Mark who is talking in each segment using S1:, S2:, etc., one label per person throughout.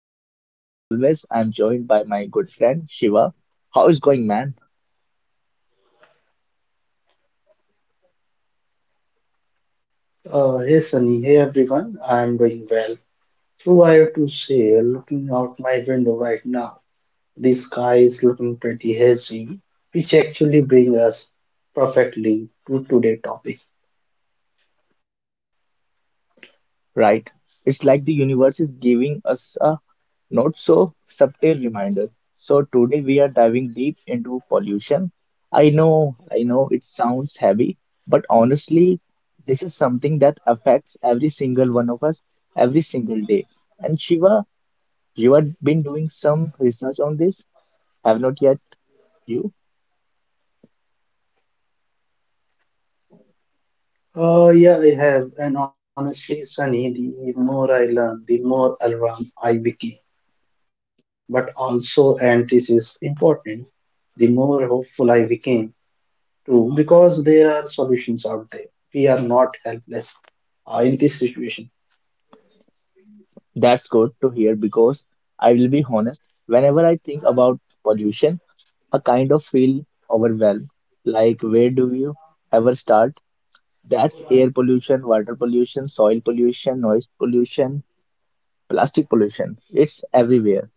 S1: Sunny, and as always, I'm joined by my good friend Shiva. How is going, man?
S2: Hey Sunny, hey everyone, I'm doing well. So I have to say, looking out my window right now, the sky is looking pretty hazy, which actually brings us perfectly to today's topic.
S1: Right? It's like the universe is giving us a not so subtle reminder. So today we are diving deep into pollution. I know it sounds heavy, but honestly, this is something that affects every single one of us every single day. And Shiva, you have been doing some research on this have not yet you?
S2: Yeah, I have, and honestly, Sunny, the more I learn, the more alarm I became. But also, and this is important, the more hopeful I became too, because there are solutions out there. We are not helpless in this situation.
S1: That's good to hear because I will be honest, whenever I think about pollution I kind of feel overwhelmed. Like where do you ever start? That's air pollution, water pollution, soil pollution, noise pollution, plastic pollution, it's everywhere.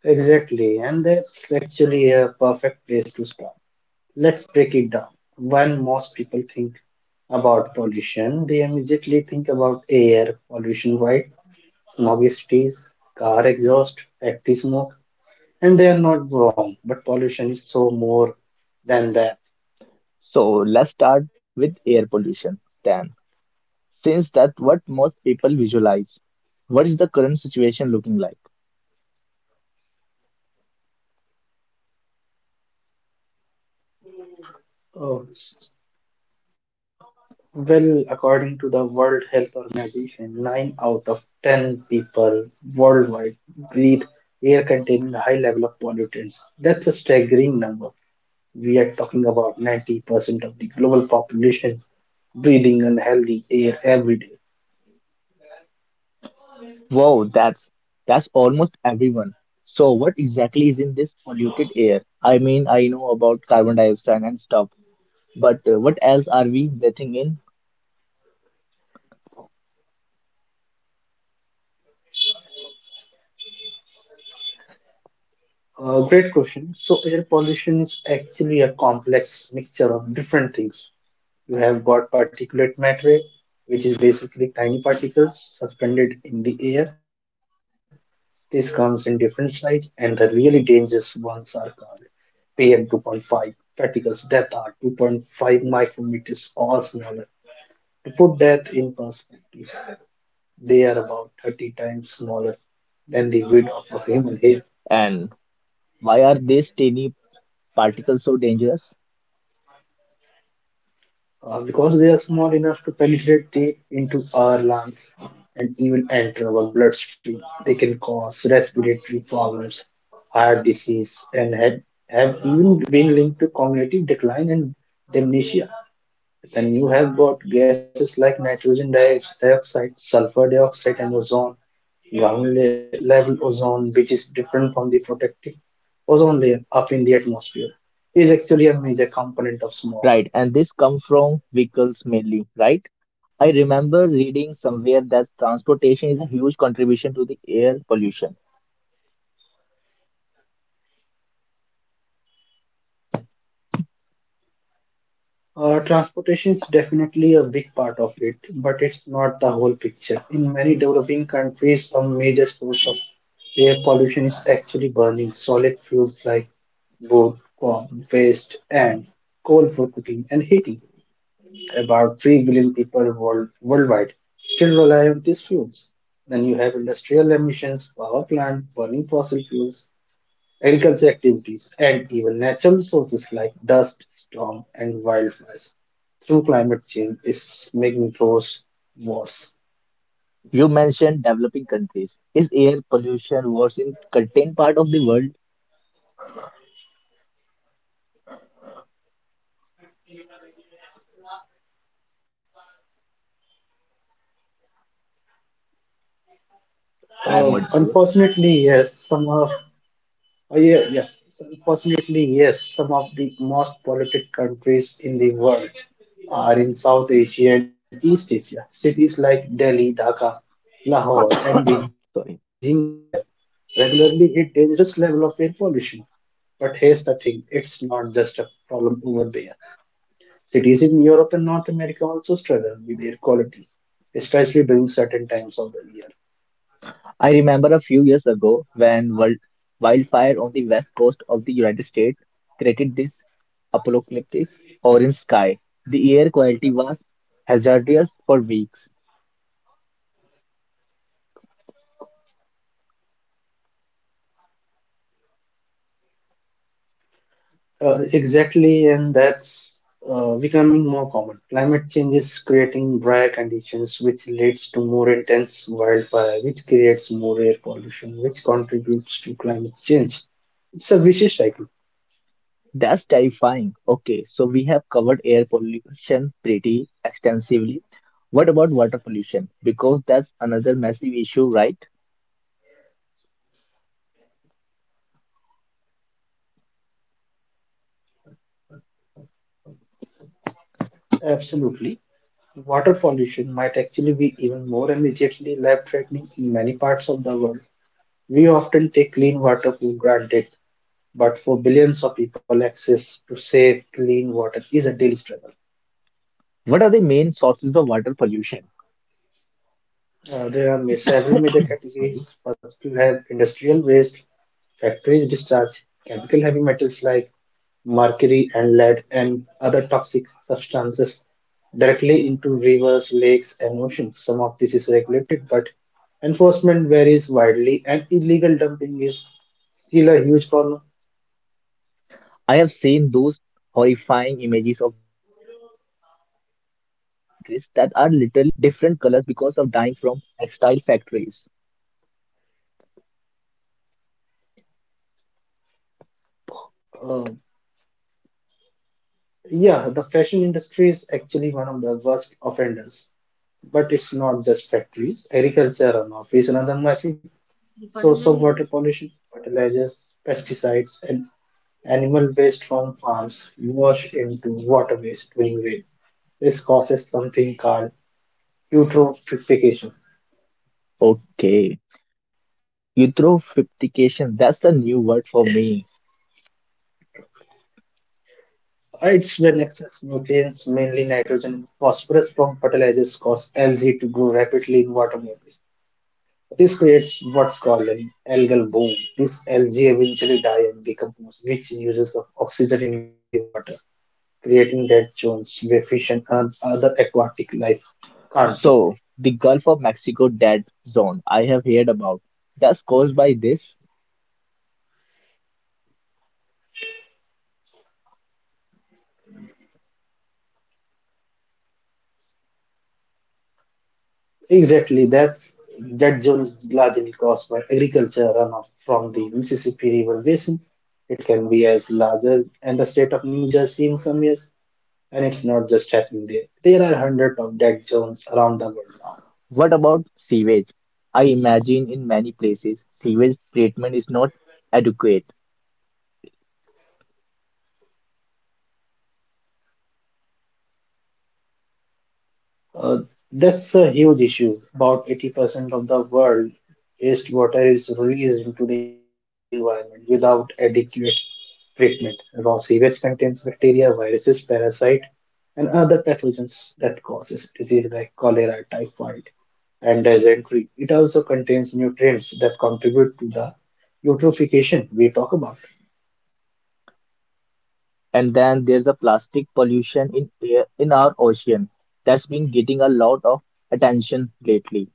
S2: Exactly, and that's actually a perfect place to start. Let's break it down. When most people think about pollution, they immediately think about air pollution, right? Smoggy cities, car exhaust, factory smoke, and they are not wrong, but pollution is so more than that.
S1: So let's start with air pollution then, since that's what most people visualize. What is the current situation looking like?
S2: Oh. Well, according to the World Health Organization, nine out of ten people worldwide breathe air containing a high level of pollutants. That's a staggering number. We are talking about 90% of the global population breathing unhealthy air every day.
S1: Wow, that's almost everyone. So what exactly is in this polluted air? I mean, I know about carbon dioxide and stuff, but what else are we breathing in?
S2: Great question. So, air pollution is actually a complex mixture of different things. You have got particulate matter, which is basically tiny particles suspended in the air. This comes in different size and the really dangerous ones are called PM2.5 particles that are 2.5 micrometers or smaller. To put that in perspective, they are about 30 times smaller than the width of a human hair.
S1: And why are these tiny particles so dangerous?
S2: Because they are small enough to penetrate deep into our lungs and even enter our bloodstream. They can cause respiratory problems, heart disease, and have even been linked to cognitive decline and dementia. Then you have got gases like nitrogen dioxide, sulfur dioxide, and ozone, level ozone, which is different from the protective ozone layer up in the atmosphere, is actually a major component of
S1: Right,
S2: smoke.
S1: and this comes from vehicles mainly, right? I remember reading somewhere that transportation is a huge contribution to the air pollution.
S2: Transportation is definitely a big part of it, but it's not the whole picture. In many developing countries, a major source of air pollution is actually burning solid fuels like wood, corn, waste, and coal for cooking and heating. About 3 billion people worldwide still rely on these fuels. Then you have industrial emissions, power plant burning fossil fuels, agriculture activities, and even natural resources like dust, storm, and wildfires through climate change is making those worse.
S1: You mentioned developing countries. Is air pollution worse in certain part of the world? I'm not sure.
S2: Unfortunately, yes, some of. Oh, yeah, yes. So unfortunately, yes, some of the most polluted countries in the world are in South Asia and East Asia. Cities like Delhi, Dhaka, Lahore, and Beijing
S1: Sorry.
S2: have regularly hit dangerous level of air pollution. But here's the thing, it's not just a problem over there. Cities in Europe and North America also struggle with air quality, especially during certain times of the year.
S1: I remember a few years ago when wildfire on the west coast of the United States created this apocalyptic orange sky. The air quality was hazardous for weeks.
S2: Exactly, and that's becoming more common. Climate change is creating drier conditions, which leads to more intense wildfire, which creates more air pollution, which contributes to climate change. It's a vicious cycle.
S1: That's terrifying. Okay, so we have covered air pollution pretty extensively. What about water pollution? Because that's another massive issue, right?
S2: Absolutely. Water pollution might actually be even more immediately life-threatening in many parts of the world. We often take clean water for granted, but for billions of people, access to safe, clean water is a daily struggle.
S1: What are the main sources of water pollution?
S2: There are several major categories.
S1: Sorry.
S2: First, you have industrial waste, factories discharge, chemical heavy metals like mercury and lead, and other toxic substances directly into rivers, lakes, and oceans. Some of this is regulated, but enforcement varies widely, and illegal dumping is still a huge problem.
S1: I have seen those horrifying images of river in some countries that are literally different colors because of dying from textile factories.
S2: Uh, yeah, the fashion industry is actually one of the worst offenders. But it's not just factories. Agriculture runoff is another massive source of water pollution, fertilizers, pesticides, and animal waste from farms wash into waterways during rain. This causes something called eutrophication.
S1: Okay, eutrophication, that's a new word for me.
S2: It's when excess nutrients, mainly nitrogen and phosphorus from fertilizers, cause algae to grow rapidly in water bodies. This creates what's called an algal bloom. This algae eventually die and decompose, which uses up oxygen in the water creating dead zones where fish and other aquatic life can't survive.
S1: So, the Gulf of Mexico dead zone I have heard about. That's caused by this.
S2: Exactly, that's dead zone is largely caused by agriculture runoff from the Mississippi River basin. It can be as large as and the state of New Jersey in some years, and it's not just happening there. There are hundreds of dead zones around the world now.
S1: What about sewage? I imagine in many places sewage treatment is not adequate.
S2: Uh, that's a huge issue. About 80% of the world wastewater is released into the environment without adequate treatment. Raw sewage contains bacteria, viruses, parasite, and other pathogens that causes disease like cholera, typhoid, and dysentery. It also contains nutrients that contribute to the eutrophication we talk about.
S1: And then there's a plastic pollution in air in our ocean, that's been getting a lot of attention lately.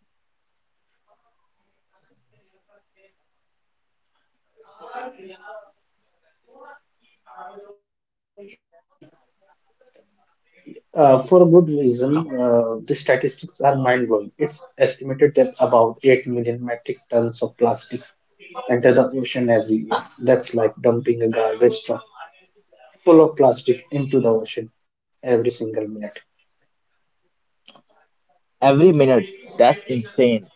S2: For a good reason, the statistics are mind-blowing. It's estimated that about 8 million metric tons of plastic enter the ocean every year. That's like dumping a garbage truck full of plastic into the ocean every single minute.
S1: Every minute, that's insane.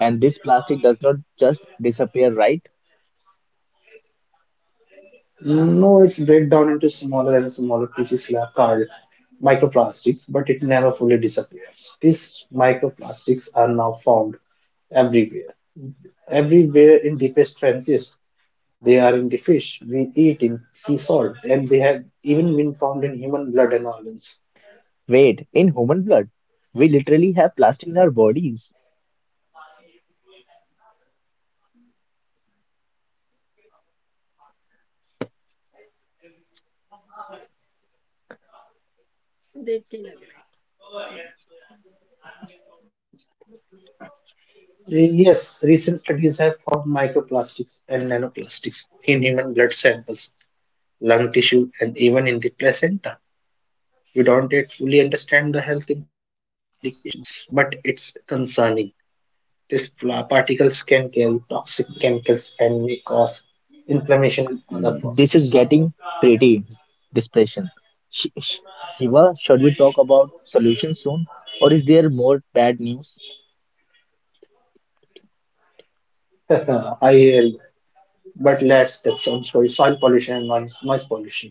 S1: And this plastic does not just disappear, right?
S2: No, it's breakdown into smaller and smaller pieces like called microplastics, but it never fully disappears. These microplastics are now found everywhere, everywhere in deepest trenches. They are in the fish we eat, in sea salt, and they have even been found in human blood and organs.
S1: Wait, in human blood? We literally have plastic in our bodies.
S2: Yes, recent studies have found microplastics and nanoplastics in human blood samples, lung tissue, and even in the placenta. We don't yet fully understand the health implications, but it's concerning. These particles can carry toxic chemicals and may cause inflammation and other problems.
S1: This is getting pretty depression. Sh- sh- Shiva, should we talk about solutions soon or is there more bad news?
S2: I hear you. But let's touch on soil pollution and noise pollution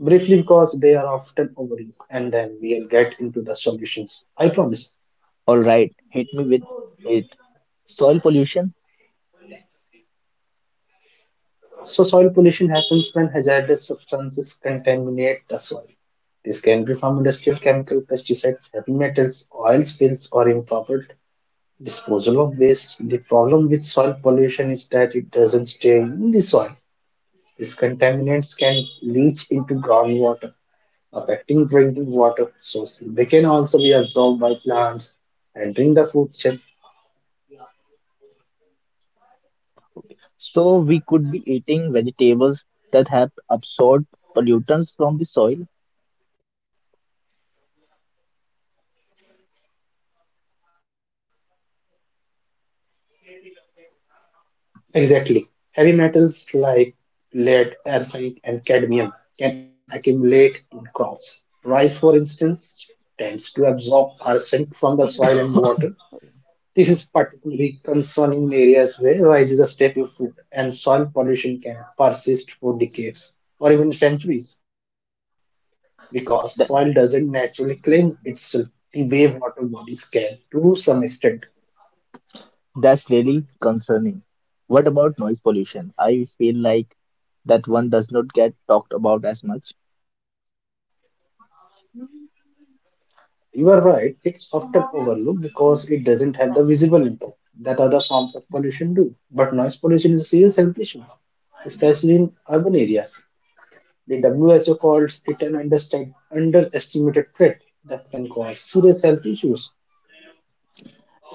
S2: briefly because they are often overlooked, and then we'll get into the solutions. I promise.
S1: All right, hit me with it. Soil pollution.
S2: So soil pollution happens when hazardous substances contaminate the soil. This can be from industrial chemical pesticides, heavy metals, oil spills, or improper disposal of waste. The problem with soil pollution is that it doesn't stay in the soil. These contaminants can leach into groundwater, affecting drinking water sources. They can also be absorbed by plants entering the food chain.
S1: So we could be eating vegetables that have absorbed pollutants from the soil.
S2: Exactly. Heavy metals like lead, arsenic, and cadmium can accumulate in crops. Rice, for instance, tends to absorb arsenic from the soil and water. This is particularly concerning in areas where rice is a staple food and soil pollution can persist for decades or even centuries because soil doesn't
S1: That,
S2: naturally cleanse itself the way water bodies can to some extent.
S1: that's really concerning. What about noise pollution? I feel like that one does not get talked about as much.
S2: You are right, it's often overlooked because it doesn't have the visible impact that other forms of pollution do. But noise pollution is a serious health issue, especially in urban areas. The WHO calls it an underestimated threat that can cause serious health issues.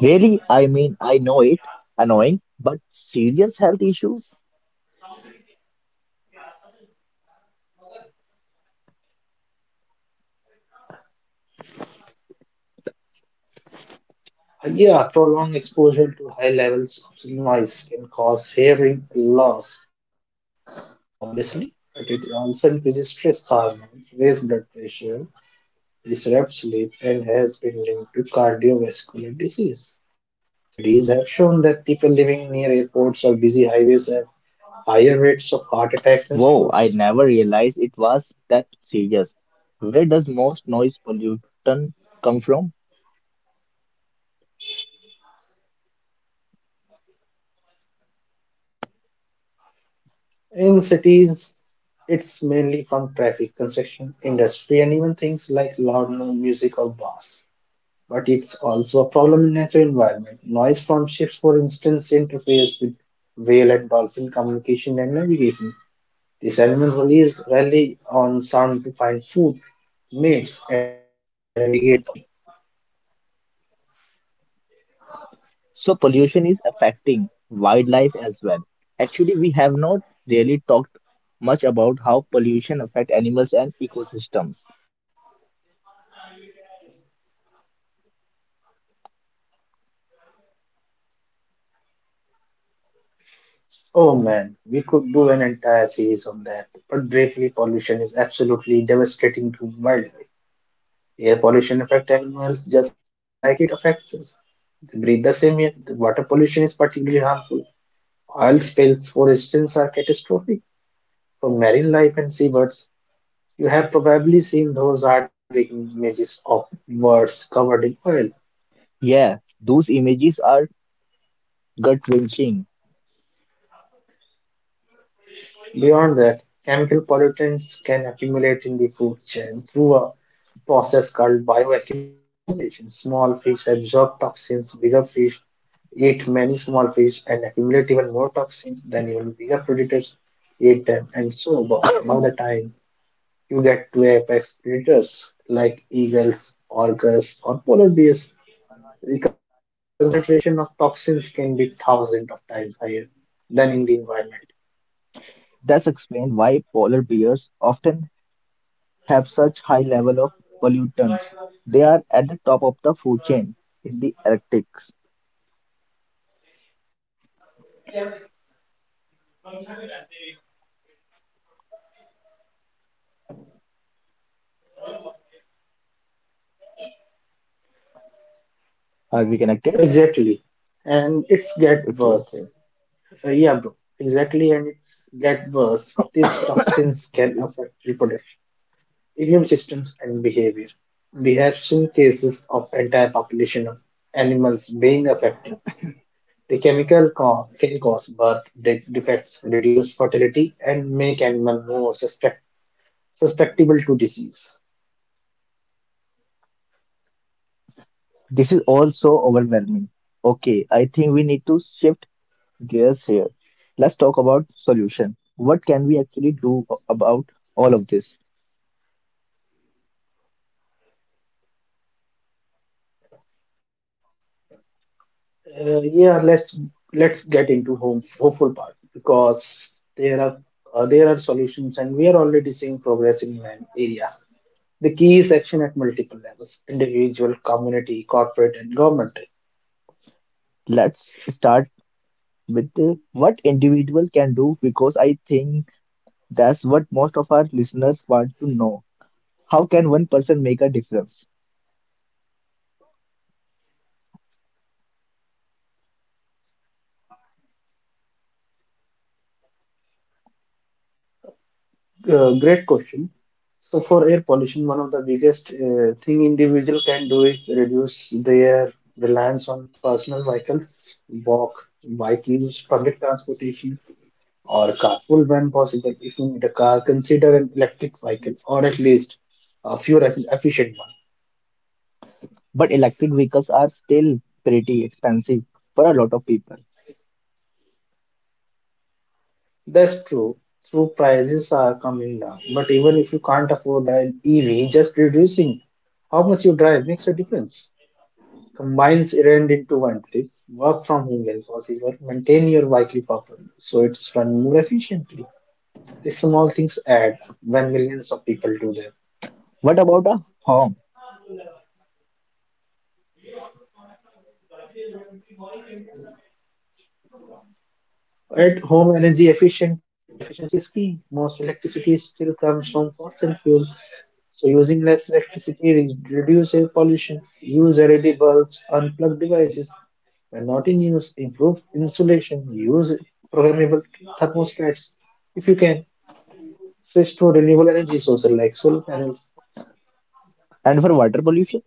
S1: Really? I mean, I know it annoying, but serious health issues?
S2: Yeah, prolonged exposure to high levels of noise can cause hearing loss, obviously, but it also increases stress hormones, raise blood pressure, disrupts sleep and has been linked to cardiovascular disease. Studies have shown that people living near airports or busy highways have higher rates of heart attacks and
S1: Whoa,
S2: strokes.
S1: I never realized it was that serious. Where does most noise pollutant come from?
S2: In cities, it's mainly from traffic, construction, industry, and even things like loud no- music or bars. But it's also a problem in natural environment. Noise from ships, for instance, interferes with whale and dolphin communication and navigation. The salmon release rally on sound to find food, mates, and navigate the ocean.
S1: So pollution is affecting wildlife as well. Actually, we have not really talked much about how pollution affect animals and ecosystems.
S2: Oh man, we could do an entire series on that. But briefly, pollution is absolutely devastating to wildlife. Air pollution affects animals just like it affects us. They breathe the same air. The water pollution is particularly harmful. Oil spills, for instance, are catastrophic for marine life and seabirds. You have probably seen those heartbreaking images of birds covered in oil.
S1: Yeah, those images are gut-wrenching.
S2: Beyond that, chemical pollutants can accumulate in the food chain through a process called bioaccumulation. Small fish absorb toxins, bigger fish eat many small fish and accumulate even more toxins, then even bigger predators eat them, and so on. By the time you get to apex predators like eagles, orcas, or polar bears, the concentration of toxins can be thousands of times higher than in the environment.
S1: That's explained why polar bears often have such high level of pollutants. They are at the top of the food chain in the Arctic. Are we connected?
S2: Exactly. And it's get worse.
S1: Okay, okay.
S2: Yeah, bro. Exactly, and it's get worse. These toxins can
S1: Sorry.
S2: affect reproduction, immune systems, and behavior. We have seen cases of entire population of animals being affected. The can cause defects, reduce fertility, and make animal more suspect susceptible to disease.
S1: This is also overwhelming. Okay, I think we need to shift gears here. Let's talk about solution. What can we actually about all of this?
S2: Yeah, let's get into home hopeful part because there are solutions and we are already seeing progress in many areas. The key is action at multiple levels: individual, community, corporate, and government.
S1: Let's start with what individual can do because I think that's what most of our listeners want to know. How can one person make a difference?
S2: Great question. So for air pollution, one of the biggest thing individual can do is reduce their reliance on personal vehicles, walk, bike use, public transportation, or carpool when possible. If you need a car, consider an electric vehicle or at least a efficient one.
S1: But electric vehicles are still pretty expensive for a lot of people.
S2: That's true. True prices are coming down, but even if you can't afford an EV, just reducing how much you drive makes a difference. Combines errand into one trip, work from home when possible, maintain your vehicle properly so it's run more efficiently. These small things add up when millions of people do them.
S1: What about a home?
S2: At home, energy efficient efficiency is key. Most electricity still comes from fossil fuels, so using less electricity reduce air pollution. Use LED bulbs, unplug devices when not in use. Improve insulation. Use programmable thermostats if you can. Switch to renewable energy sources like solar panels.
S1: And for water pollution,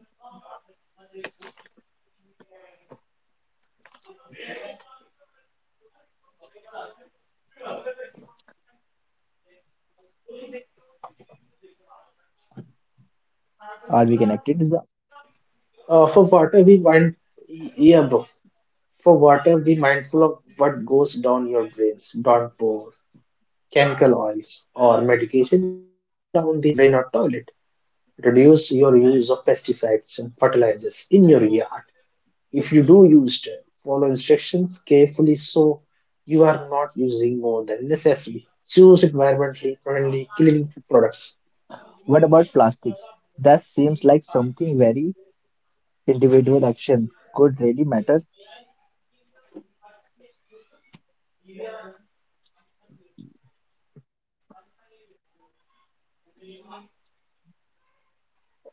S1: are we connected? Is that?
S2: For water, we mind yeah, bro. For water, be mindful of what goes down your drains. Don't pour chemical oils or medication down the drain or toilet. Reduce your use of pesticides and fertilizers in your yard. If you do use them, follow instructions carefully so you are not using more than necessary. Choose environmentally friendly cleaning products.
S1: What about plastics? That seems like something very individual action could really matter.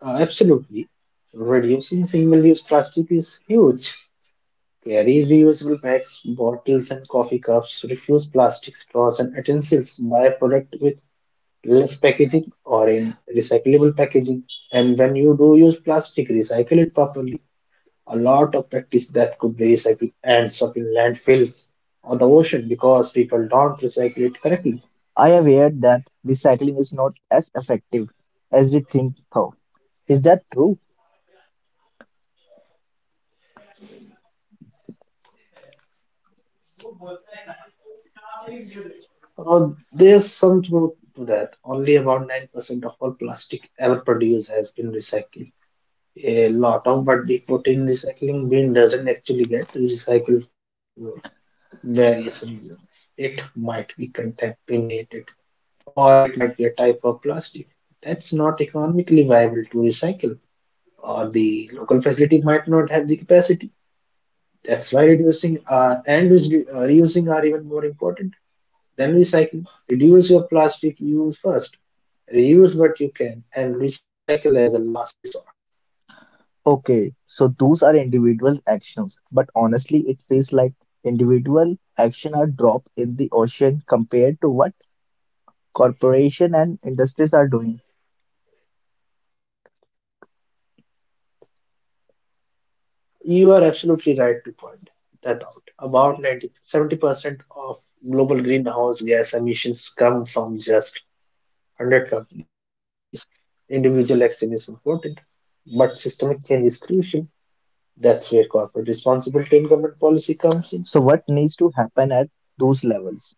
S2: Absolutely. Reducing single use plastic is huge. Carry reusable bags, bottles, and coffee cups. Refuse plastic straws and utensils. Buy product with less packaging or in recyclable packaging. And when you do use plastic, recycle it properly. A lot of practice that could be recycled ends up in landfills or the ocean because people don't recycle it correctly.
S1: I aware that recycling is not as effective as we think though. Is that true?
S2: So there's some truth to that. Only about 9% of all plastic ever produced has been recycled. A lot of but the protein recycling bin doesn't actually get recycled for various reasons. It might be contaminated or it might be a type of plastic that's not economically viable to recycle or the local facility might not have the capacity. That's why reducing and reusing are even more important than recycling. Reduce your plastic use first, reuse what you can, and recycle as a last resort.
S1: Okay, so those are individual actions, but honestly it feels like individual action are drop in the ocean compared to what corporation and industries are doing.
S2: You are absolutely right to point that out. About 90 to 70% of global greenhouse gas emissions come from just 100 companies. Individual action is important, but systemic change is crucial. That's where corporate responsibility and government policy comes
S1: So
S2: in.
S1: what needs to happen at those levels?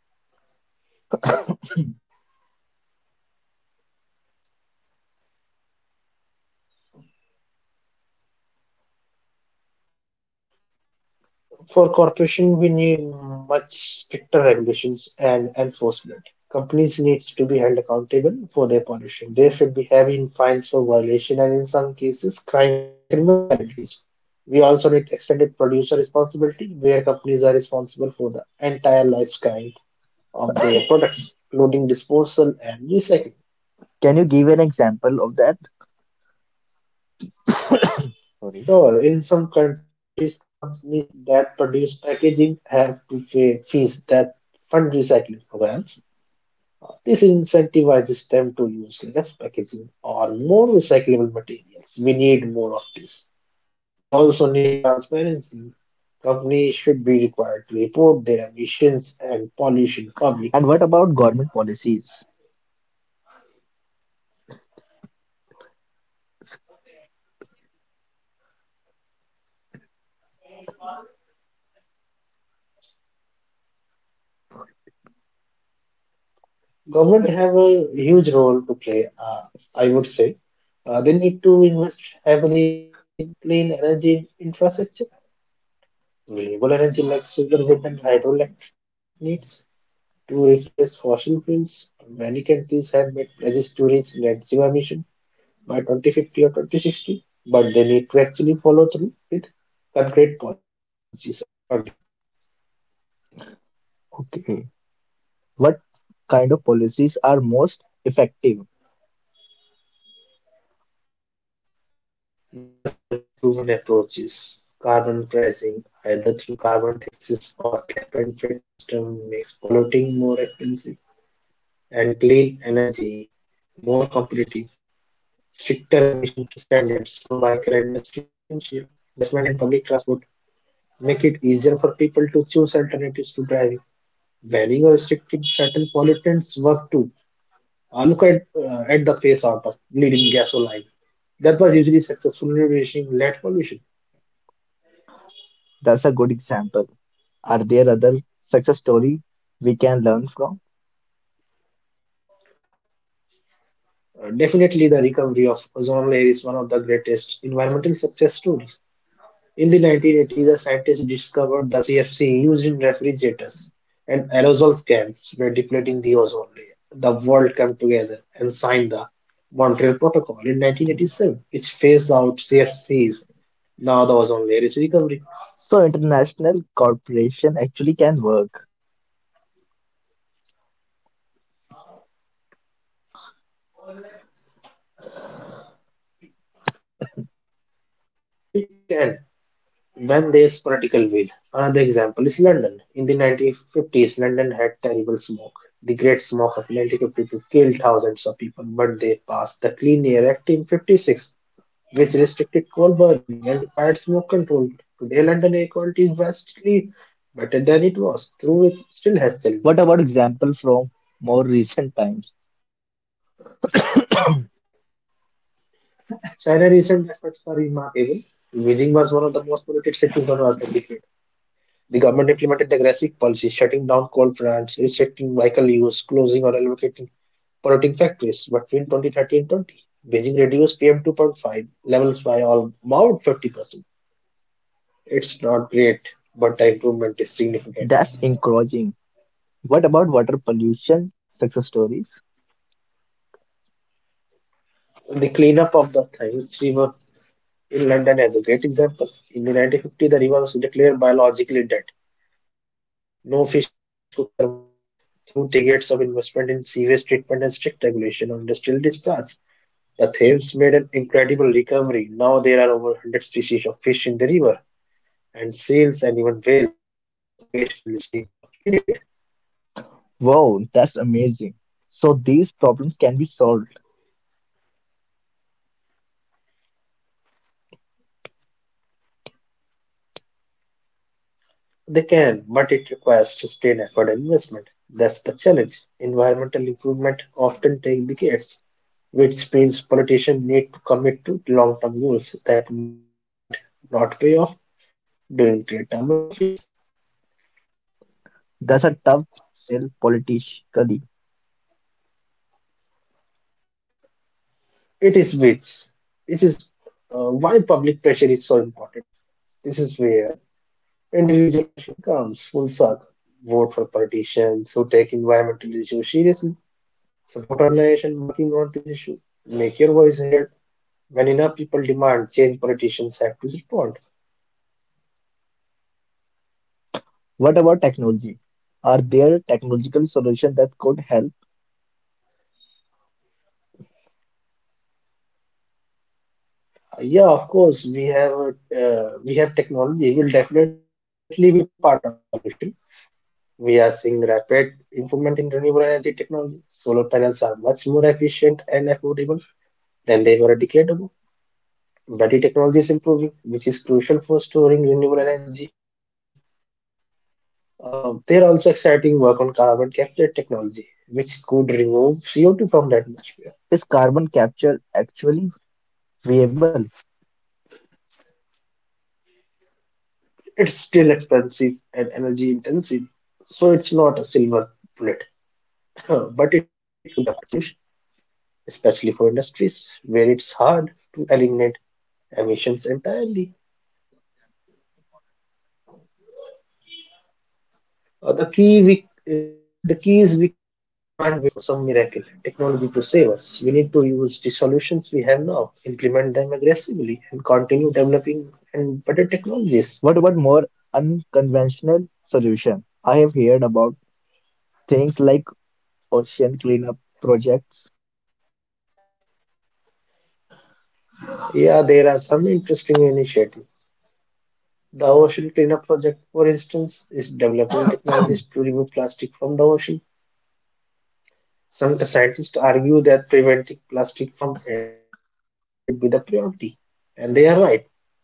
S2: For corporation, we need much stricter regulations and enforcement. Companies need to be held accountable for their pollution. There should be heavy fines for violation and in some cases crime criminal penalties. We also need extended producer responsibility, where companies are responsible for the entire lifespan of their products, including disposal and recycling.
S1: Can you give an example of that? Sorry.
S2: Sure, in some countries, companies that produce packaging have to pay fees that fund recycling programs. This incentivizes them to use less packaging or more recyclable materials. We need more of this. We also need transparency. Companies should be required to report their emissions and pollution
S1: And
S2: publicly.
S1: what about government policies?
S2: Government have a huge role to play, I would say. They need to invest heavily in clean energy infrastructure, renewable energy like solar, wind, and hydroelectric needs to replace fossil fuels, many countries have made pledges to reach net zero emission by 2050 or 2060, but they need to actually follow through with concrete policies and funding.
S1: Okay. What kind of policies are most effective?
S2: There are several proven approaches. Carbon pricing, either through carbon taxes or cap and trade system, makes polluting more expensive and clean energy more competitive. Stricter emission standards for vehicle industry are essential. Investment in public transport make it easier for people to choose alternatives to driving. Banning or restricting certain pollutants work too. Look at the face out of leading gasoline. That was usually successful in reducing lead pollution.
S1: That's a good example. Are there other success story we can learn from?
S2: Definitely, the recovery of ozone layer is one of the greatest environmental success stories. In the 1980s, a scientist discovered the CFC used in refrigerators and aerosol cans were depleting the ozone layer. The world came together and signed the Montreal Protocol in 1987, which phased out CFCs. Now the ozone layer is
S1: So
S2: recovering.
S1: international cooperation actually can work.
S2: It can, when there's political will. Another example is London. In the 1950s, London had terrible smoke. The Great Smoke of 1952 killed thousands of people, but they passed the Clean Air Act in 56, which restricted coal burning and required smoke control. Today, London air quality is vastly better than it was, though it still
S1: What about
S2: has challenges.
S1: example from more recent times?
S2: China's recent efforts are remarkable. Beijing was one of the most polluted cities on earth a decade. The government implemented aggressive policies, shutting down coal plants, restricting vehicle use, closing or relocating polluting factories. Between 2013-20, Beijing reduced PM2.5 levels by all about 50%. It's not great, but the improvement is significant.
S1: That's encouraging. What about water pollution success stories?
S2: The cleanup of the Thames River in London as a great example. In the 1950, the river was declared biologically dead. No fish could survive in it. Through decades of investment in sewage treatment and strict regulation of industrial discharge, the Thames made an incredible recovery. Now there are over 100 species of fish in the river, and seals and even whales occasionally swim up in it.
S1: Wow, that's amazing. So these problems can be solved.
S2: They can, but it requires sustained effort and investment. That's the challenge. Environmental improvement often take decades, which means politicians need to commit to long-term goals that might not pay off during their term in office.
S1: That's a tough sell politically.
S2: It is, which this is why public pressure is so important. This is where individual action comes full circle. Vote for politicians who take environmental issues seriously. Support organizations working on this issue. Make your voice heard. When enough people demand change, politicians have to respond.
S1: What about technology? Are there technological solutions that could help?
S2: Yeah, of course, we have technology. Will definitely be part of solution. We are seeing rapid improvement in renewable energy technology. Solar panels are much more efficient and affordable than they were a decade ago. Battery technology is improving, which is crucial for storing renewable energy. There are also exciting work on carbon capture technology, which could remove CO2 from the atmosphere.
S1: Is carbon capture actually viable?
S2: It's still expensive and energy intensive, so it's not a silver bullet, but it could be a part of solution, especially for industries where it's hard to eliminate emissions entirely. The key is we can't wait for some miracle technology to save us. We need to use the solutions we have now, implement them aggressively, and continue developing and better technologies.
S1: What about more unconventional solution? I have heard about things like ocean cleanup projects.
S2: Yeah, there are some interesting initiatives. The Ocean Cleanup Project, for instance, is developing technologies to remove plastic from the ocean. Some scientists argue that preventing plastic from entering the ocean in the first place should be the priority, and they are right.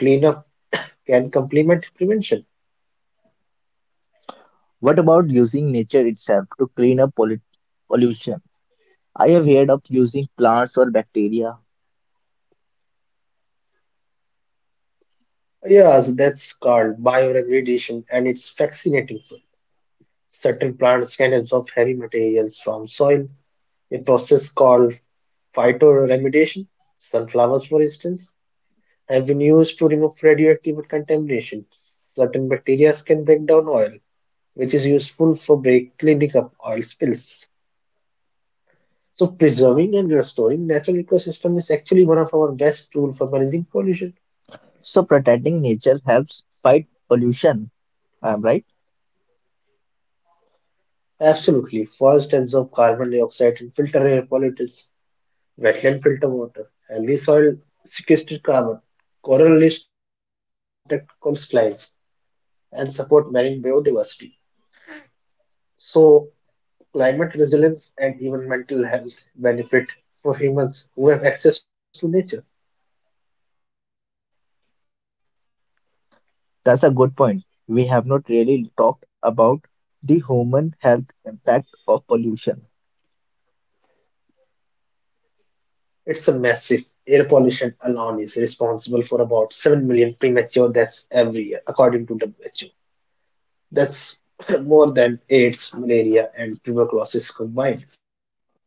S2: But cleanup can complement prevention.
S1: What about using nature itself to clean up pollution? I have heard of using plants or bacteria.
S2: Yes, that's called bioremediation, and it's fascinating field. Certain plants can absorb heavy materials from soil, a process called phytoremediation. Sunflowers, for instance, have been used to remove radioactive contamination. Certain bacteria can break down oil, which is useful for cleaning up oil spills. So, preserving and restoring natural ecosystem is actually one of our best tools for managing pollution.
S1: So protecting nature helps fight pollution. I'm right.
S2: Absolutely. Forests absorb carbon dioxide and filter air pollutants. Wetland filter water. Healthy soil sequesters carbon. Coral reefs protect coastlines and support marine biodiversity. So, climate resilience and even mental health benefit for humans who have access to nature.
S1: That's a good point. We have not really talked about the human health impact of pollution.
S2: It's a massive. Air pollution alone is responsible for about 7 million premature deaths every year, according to WHO. That's more than AIDS, malaria, and tuberculosis combined.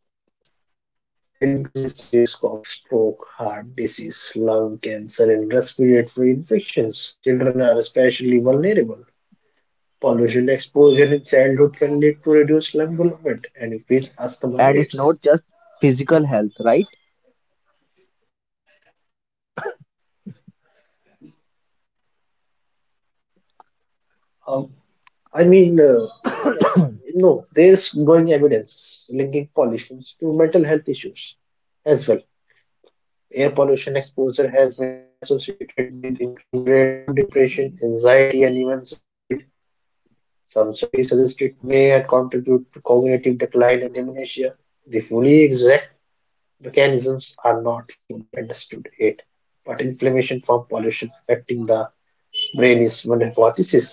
S2: It increases the risk of stroke, heart disease, lung cancer, and respiratory infections. Children are especially vulnerable. Pollution exposure in childhood can lead to reduced lung development and increased asthma rates.
S1: And it's not just physical health, right?
S2: Um, I mean, uh, no, there's growing evidence linking pollution to mental health issues as well. Air pollution exposure has been associated with increased rates of depression, anxiety, and even suicide. Some studies suggest it may contribute to cognitive decline and dementia. The fully exact mechanisms are not fully understood yet, but inflammation from pollution affecting the brain is one hypothesis.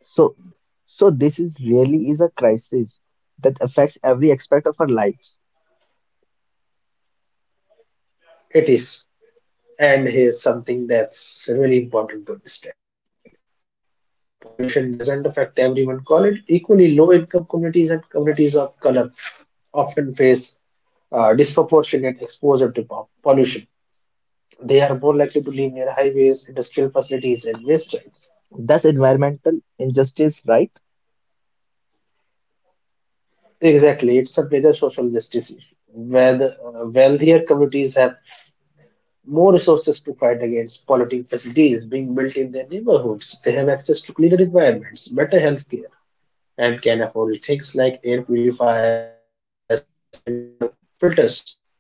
S1: So, so this is really is a crisis that affects every aspect of our lives.
S2: It is, and here's something that's really important to understand. Pollution doesn't affect everyone. Call equally low income communities and communities of color often face disproportionate exposure to pollution. They are more likely to live near highways, industrial facilities, and waste sites.
S1: That's environmental injustice, right?
S2: Exactly, it's a major social justice issue where the wealthier communities have more resources to fight against polluting facilities being built in their neighborhoods. They have access to cleaner environments, better health care, and can afford things like air purifiers and water filters.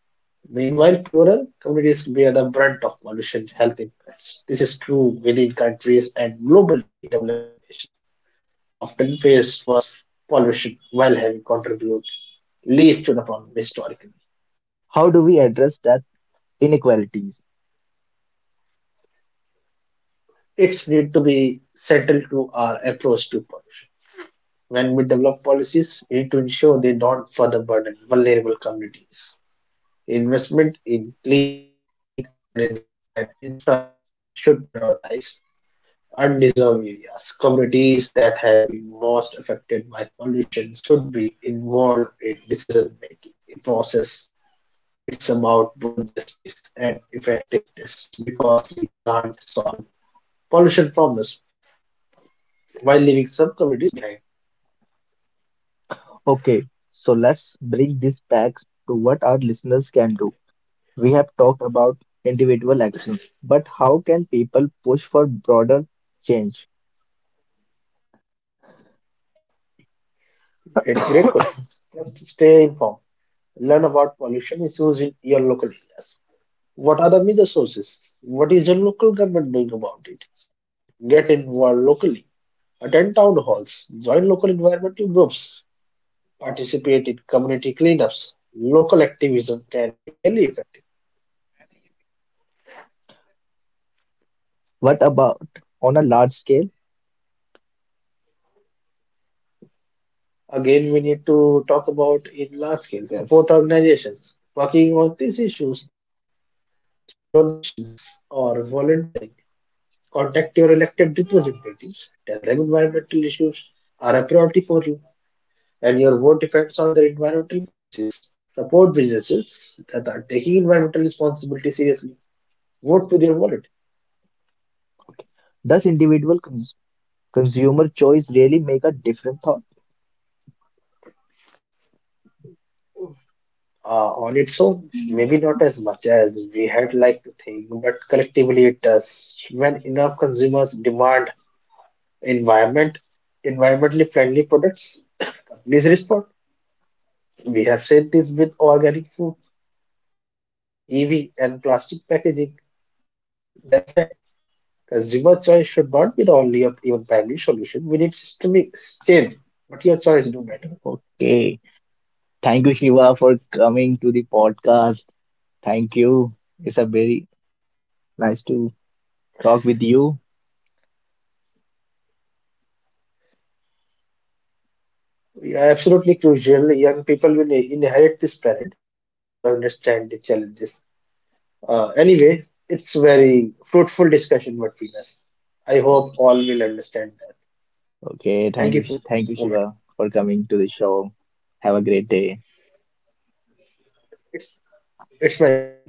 S2: Meanwhile, poorer communities bear the brunt of pollution health impacts. This is true within countries and globally developing nations often face worse pollution while having contributed least to the problem historically.
S1: How do we address that inequalities?
S2: It's need to be central to our approach to pollution. When we develop policies, we need to ensure they don't further burden vulnerable communities. Investment in clean energy and infrastructure should prioritize undeserved areas. Communities that have been most affected by pollution should be involved in decision making. A process it's about both justice and effectiveness because we can't solve pollution problems while leaving some communities behind.
S1: Okay, so let's bring this back to what our listeners can do. We have talked about individual actions, but how can people push for broader change?
S2: Great question. Just stay informed. Learn about pollution issues in your local areas. What are the media sources? What is your local government doing about it? Second, get involved locally. Attend town halls, join local environmental groups, participate in community cleanups. Local activism can be really effective.
S1: What about on a large scale?
S2: Again, we need to talk about in large scale
S1: Yes.
S2: support organizations working on these issues through donations or volunteering. Contact your elected representatives, tell them environmental issues are a priority for you and your vote depends on their environmental policies. Support businesses that are taking environmental responsibility seriously. Vote with your wallet.
S1: Okay. Does individual consumer choice really make a different thought?
S2: On its own, maybe not as much as we had like to think, but collectively it does. When enough consumers demand environment, environmentally friendly products, companies respond. We have said this with organic food, EV, and plastic packaging. That's it. As reverse choice should not be the only or even primary solution. We need systemic change, but your choice do matter.
S1: Okay. Thank you, Shiva, for coming to the podcast. Thank you. It's a very nice to talk with you.
S2: Yeah, absolutely crucial. Young people will inherit this planet, and they need to understand the challenges. Anyway, it's very fruitful discussion what Venus. I hope all will understand that. Thank you for
S1: Okay,
S2: this moment.
S1: thank you, Shiva, for coming to the show. Have a great day.
S2: It's it's my pleasure.